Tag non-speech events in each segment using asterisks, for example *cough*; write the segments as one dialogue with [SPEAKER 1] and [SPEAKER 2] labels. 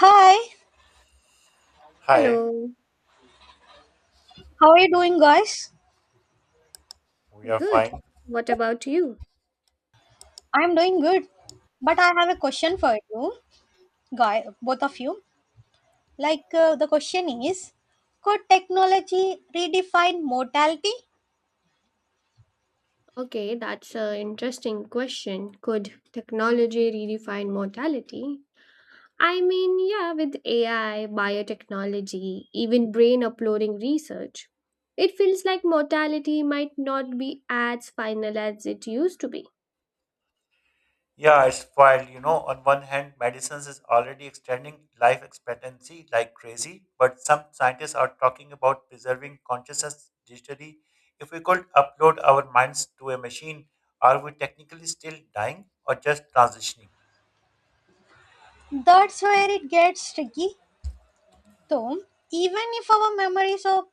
[SPEAKER 1] Hi,
[SPEAKER 2] Hi,
[SPEAKER 3] Hello,
[SPEAKER 1] how are you doing, guys?
[SPEAKER 2] we are
[SPEAKER 3] good.
[SPEAKER 2] fine.
[SPEAKER 3] What about you?
[SPEAKER 1] I'm doing good, but I have a question for you, guy, both of you. The question is, could technology redefine mortality?
[SPEAKER 3] Okay, that's an interesting question. Could technology redefine mortality? I mean, yeah, with AI, biotechnology, even brain uploading research, it feels like mortality might not be as final as it used to be.
[SPEAKER 2] Yeah, it's wild. On one hand, medicines is already extending life expectancy like crazy, but some scientists are talking about preserving consciousness digitally. If we could upload our minds to a machine, are we technically still dying or just transitioning?
[SPEAKER 1] That's where it gets tricky, though. Even if our memories or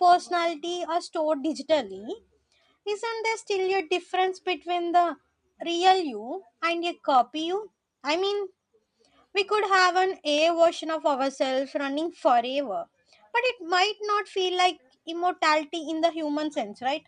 [SPEAKER 1] personality are stored digitally, isn't there still a difference between the real you and a copy you? I mean, We could have an A version of ourselves running forever, but it might not feel like immortality in the human sense, right?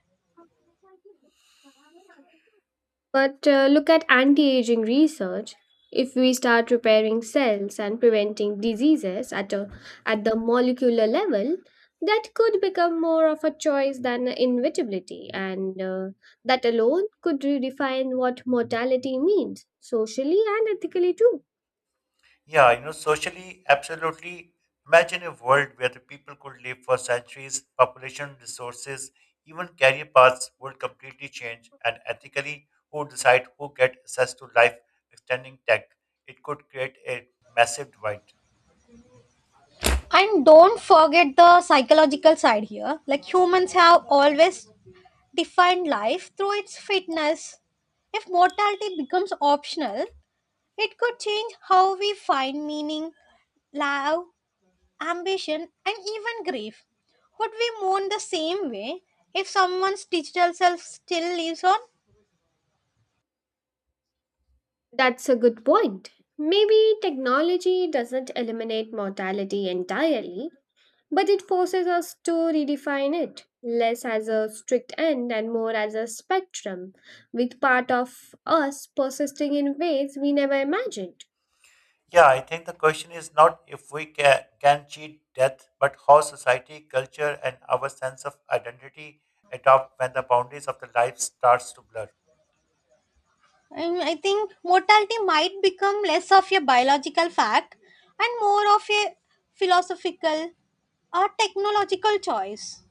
[SPEAKER 3] But look at anti aging research. If we start repairing cells and preventing diseases at the molecular level, that could become more of a choice than inevitability, and that alone could redefine what mortality means, socially and ethically, too.
[SPEAKER 2] Yeah, socially, absolutely. Imagine a world where the people could live for centuries, population, resources, even career paths would completely change, and ethically, who decide who get access to life extending tech? It could create a massive divide.
[SPEAKER 1] And don't forget the psychological side here. Like humans have always defined life through its fitness. If mortality becomes optional, it could change how we find meaning, love, ambition, and even grief. Would we mourn the same way if someone's digital self still lives on?
[SPEAKER 3] That's a good point. Maybe technology doesn't eliminate mortality entirely, but it forces us to redefine it, less as a strict end and more as a spectrum, with part of us persisting in ways we never imagined.
[SPEAKER 2] Yeah, I think the question is not if can cheat death, but how society, culture, and our sense of identity adapt when the boundaries of the life starts to blur.
[SPEAKER 1] And I think mortality might become less of a biological fact and more of a philosophical or technological choice.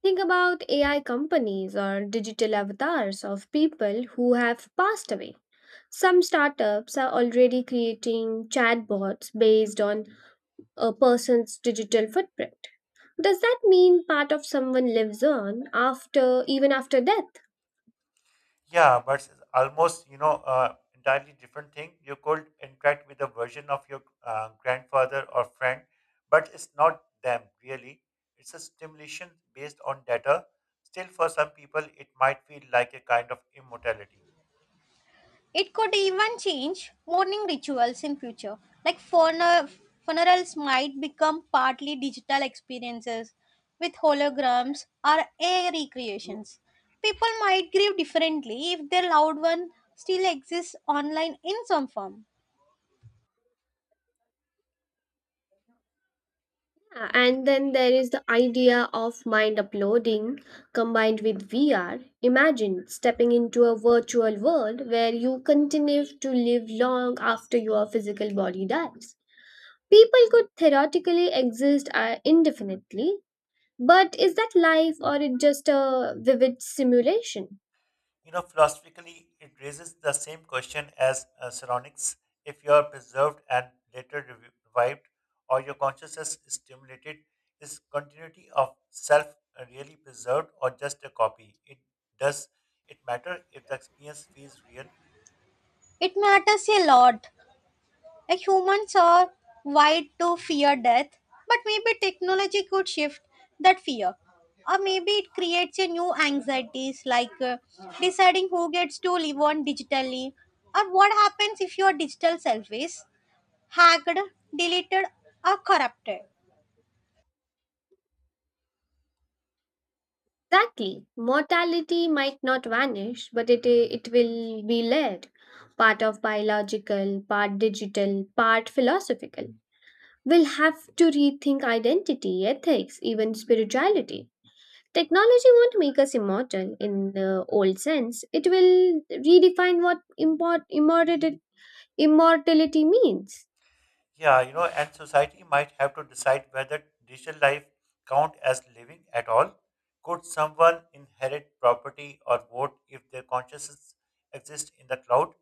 [SPEAKER 3] Think about AI companies or digital avatars of people who have passed away. Some startups are already creating chatbots based on a person's digital footprint. Does that mean part of someone lives on after even after death?
[SPEAKER 2] Yeah, but it's almost entirely different thing. You could interact with a version of your grandfather or friend, but it's not them really. It's a stimulation based on data. Still, for some people, it might feel like a kind of immortality.
[SPEAKER 1] It could even change mourning rituals in future. Like funerals might become partly digital experiences with holograms or AI recreations. People might grieve differently if their loved one still exists online in some form.
[SPEAKER 3] Yeah, and then there is the idea of mind uploading combined with VR. Imagine stepping into a virtual world where you continue to live long after your physical body dies. People could theoretically exist indefinitely, but is that life or it just a vivid simulation?
[SPEAKER 2] You know, philosophically, it raises the same question as psionics. If you are preserved and later revived, or your consciousness is stimulated, is continuity of self really preserved or just a copy? It does it matter if the experience feels real?
[SPEAKER 1] It matters a lot. Like humans are wired to fear death, but maybe technology could shift that fear. Or maybe it creates a new anxieties like deciding who gets to live on digitally or what happens if your digital self is hacked, deleted or corrupted.
[SPEAKER 3] Exactly. Mortality might not vanish, but it will be layered. Part of biological, part digital, part philosophical will have to rethink identity, ethics, even spirituality. Technology won't make us immortal in the old sense, it will redefine what immortality means.
[SPEAKER 2] Yeah, and society might have to decide whether digital life count as living at all. Could someone inherit property or vote if their consciousness exists in the cloud?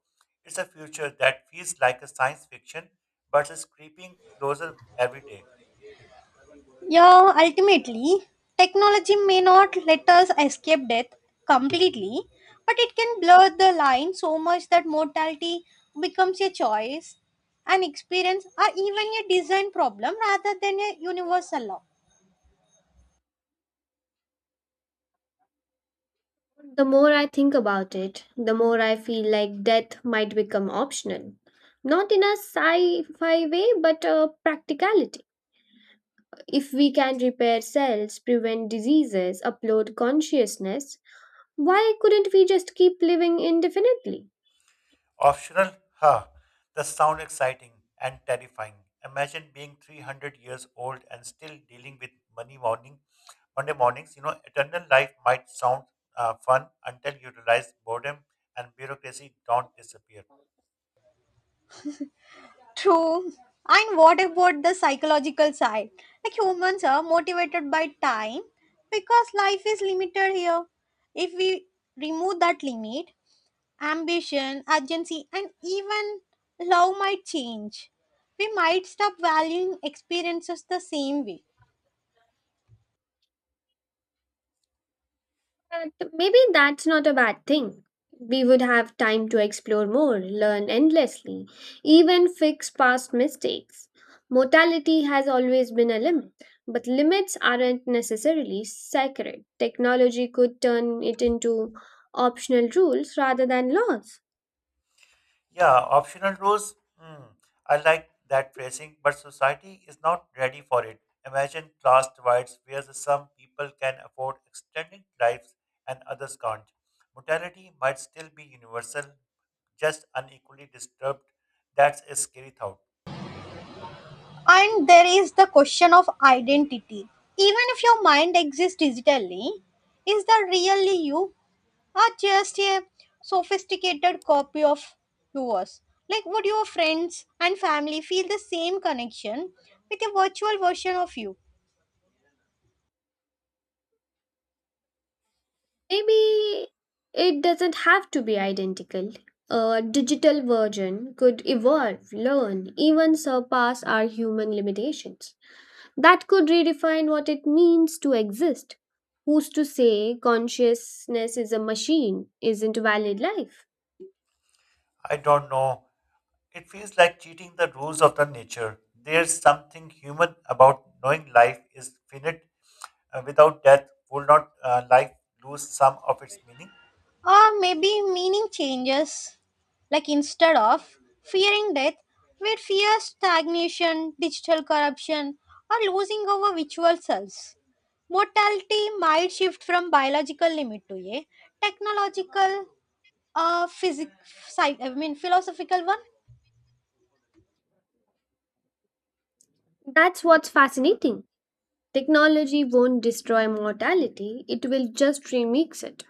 [SPEAKER 2] It's a future that feels like a science fiction, but is creeping closer every day.
[SPEAKER 1] Yeah, ultimately, technology may not let us escape death completely, but it can blur the line so much that mortality becomes a choice, an experience, or even a design problem rather than a universal law.
[SPEAKER 3] The more I think about it, the more I feel like death might become optional. Not in a sci fi way, but a practicality. If we can repair cells, prevent diseases, upload consciousness, why couldn't we just keep living indefinitely?
[SPEAKER 2] Optional, huh? The sound exciting and terrifying. Imagine being 300 years old and still dealing with money morning Monday mornings. Eternal life might sound fun until you realize boredom and bureaucracy don't disappear.
[SPEAKER 1] True. And what about the psychological side? Like humans are motivated by time because life is limited here. If we remove that limit, ambition, urgency, and even love might change. We might stop valuing experiences the same way.
[SPEAKER 3] But maybe that's not a bad thing. We would have time to explore more, learn endlessly, even fix past mistakes. Mortality has always been a limit, but limits aren't necessarily sacred. Technology could turn it into optional rules rather than laws.
[SPEAKER 2] Yeah, optional rules. Hmm, I like that phrasing, but society is not ready for it. Imagine class divides where the some people can afford extended lives and others can't. Mortality might still be universal, just unequally disturbed. That's a scary thought.
[SPEAKER 1] And there is the question of identity. Even if your mind exists digitally, is that really you or just a sophisticated copy of yours? Like, would your friends and family feel the same connection with a virtual version of you?
[SPEAKER 3] Maybe it doesn't have to be identical. A digital version could evolve, learn, even surpass our human limitations. That could redefine what it means to exist. Who's to say consciousness is a machine, isn't a valid life?
[SPEAKER 2] I don't know. It feels like cheating the rules of the nature. There's something human about knowing life is finite. Without death, will not life lose some of its meaning?
[SPEAKER 1] Or maybe meaning changes. Like instead of fearing death, we fear stagnation, digital corruption, or losing our virtual selves. Mortality might shift from biological limit to a technological, uh, physic, I mean philosophical one.
[SPEAKER 3] That's what's fascinating. Technology won't destroy mortality, it will just remix it.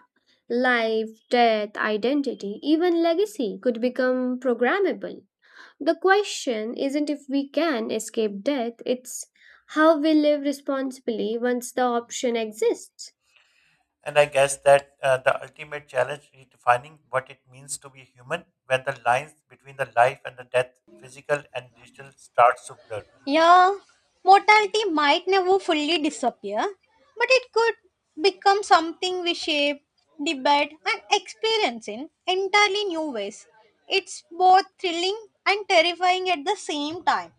[SPEAKER 3] Life, death, identity, even legacy could become programmable. The question isn't if we can escape death, it's how we live responsibly once the option exists.
[SPEAKER 2] And I guess that the ultimate challenge is defining what it means to be human when the lines between the life and the death, physical and digital, starts to blur.
[SPEAKER 1] Yeah, mortality might never fully disappear, but it could become something we shape, debate, and experience in entirely new ways. It's both thrilling and terrifying at the same time.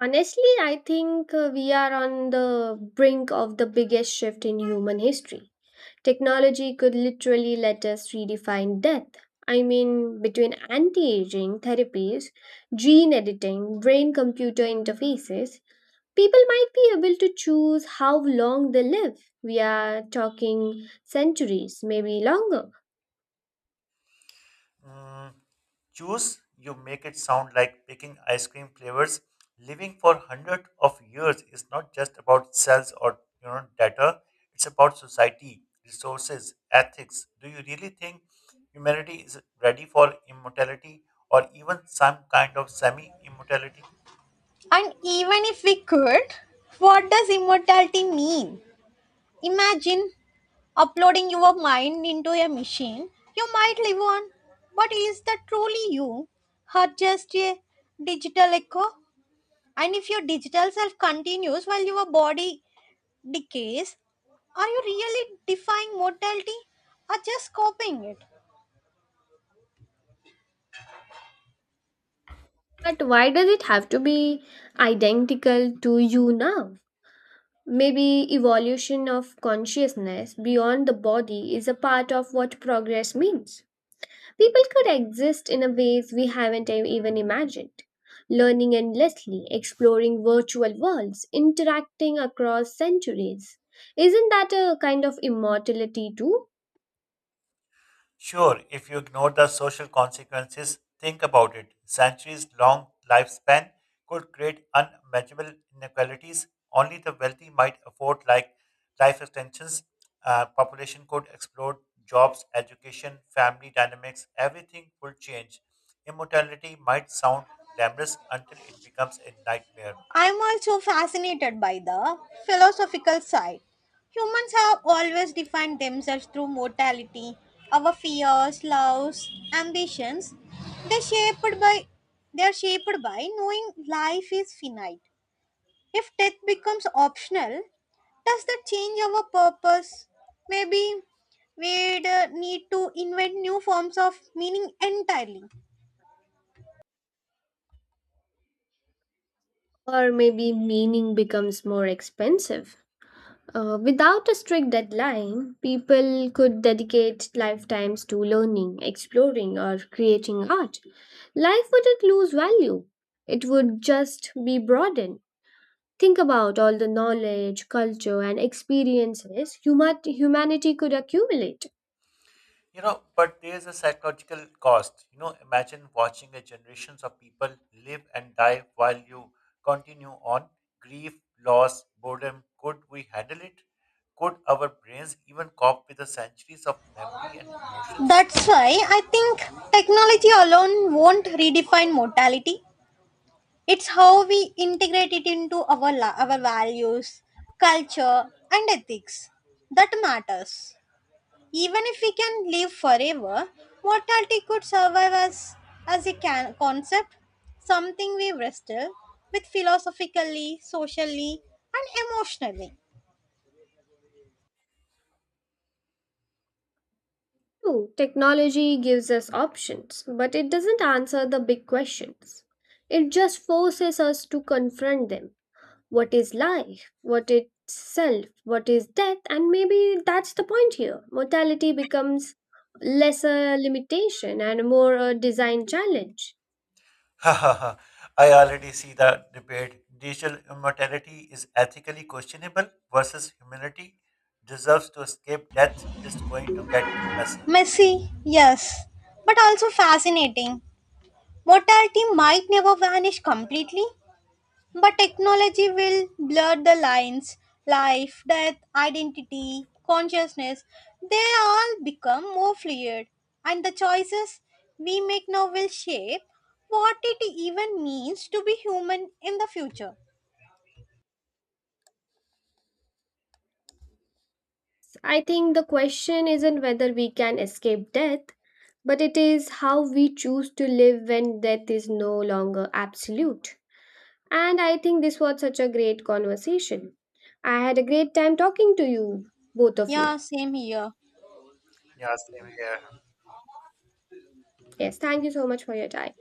[SPEAKER 3] Honestly, I think we are on the brink of the biggest shift in human history. Technology could literally let us redefine death. I mean, between anti aging therapies, gene editing, brain computer interfaces, people might be able to choose how long they live. We are talking centuries, maybe longer.
[SPEAKER 2] Mm, choose, you make it sound like picking ice cream flavors. Living for hundreds of years is not just about cells or data. It's about society, resources, ethics. Do you really think humanity is ready for immortality or even some kind of semi-immortality?
[SPEAKER 1] And even if we could, what does immortality mean? Imagine uploading your mind into a machine. You might live on, but is that truly you? Or just a digital echo? And if your digital self continues while your body decays, are you really defying mortality or just copying it?
[SPEAKER 3] But why does it have to be identical to you now? Maybe evolution of consciousness beyond the body is a part of what progress means. People could exist in a ways we haven't even imagined, learning endlessly, exploring virtual worlds, interacting across centuries. Isn't that a kind of immortality too?
[SPEAKER 2] Sure, if you ignore the social consequences, think about it. Centuries long lifespan could create unimaginable inequalities. Only the wealthy might afford like life extensions. Population could explode jobs, education, family dynamics, everything will change. Immortality might sound glamorous until it becomes a nightmare.
[SPEAKER 1] I'm also fascinated by the philosophical side. Humans have always defined themselves through mortality, our fears, loves, ambitions. They're shaped by they're shaped by knowing life is finite. If death becomes optional, does that change our purpose? Maybe we'd need to invent new forms of meaning entirely.
[SPEAKER 3] Or maybe meaning becomes more expensive. Without a strict deadline, people could dedicate lifetimes to learning, exploring, or creating art. Life wouldn't lose value, it would just be broadened. Think about all the knowledge, culture, and experiences humanity could accumulate.
[SPEAKER 2] But there's a psychological cost. Imagine watching a generations of people live and die while you continue on. Grief, loss, boredom. Could we handle it? Could our brains even cope with the centuries of memory and emotions?
[SPEAKER 1] That's why I think technology alone won't redefine mortality. It's how we integrate it into our values, culture, and ethics that matters. Even if we can live forever, mortality could survive us as a concept, something we wrestle with philosophically, socially, and emotionally.
[SPEAKER 3] Two, technology gives us options, but it doesn't answer the big questions. It just forces us to confront them. What is life, what is self, what is death, and maybe that's the point here. Mortality becomes less a limitation and more a design challenge.
[SPEAKER 2] *laughs* I already see the debate. Digital immortality is ethically questionable versus humanity deserves to escape death. It's going to get messy.
[SPEAKER 1] Messy, yes, but also fascinating. Mortality might never vanish completely, but technology will blur the lines life, death, identity, consciousness. They all become more fluid, and the choices we make now will shape what it even means to be human in the future.
[SPEAKER 3] I think the question isn't whether we can escape death, but it is how we choose to live when death is no longer absolute. And I think this was such a great conversation. I had a great time talking to you, both of you.
[SPEAKER 1] Yeah, same here.
[SPEAKER 2] Yeah, same here.
[SPEAKER 3] Yes, thank you so much for your time.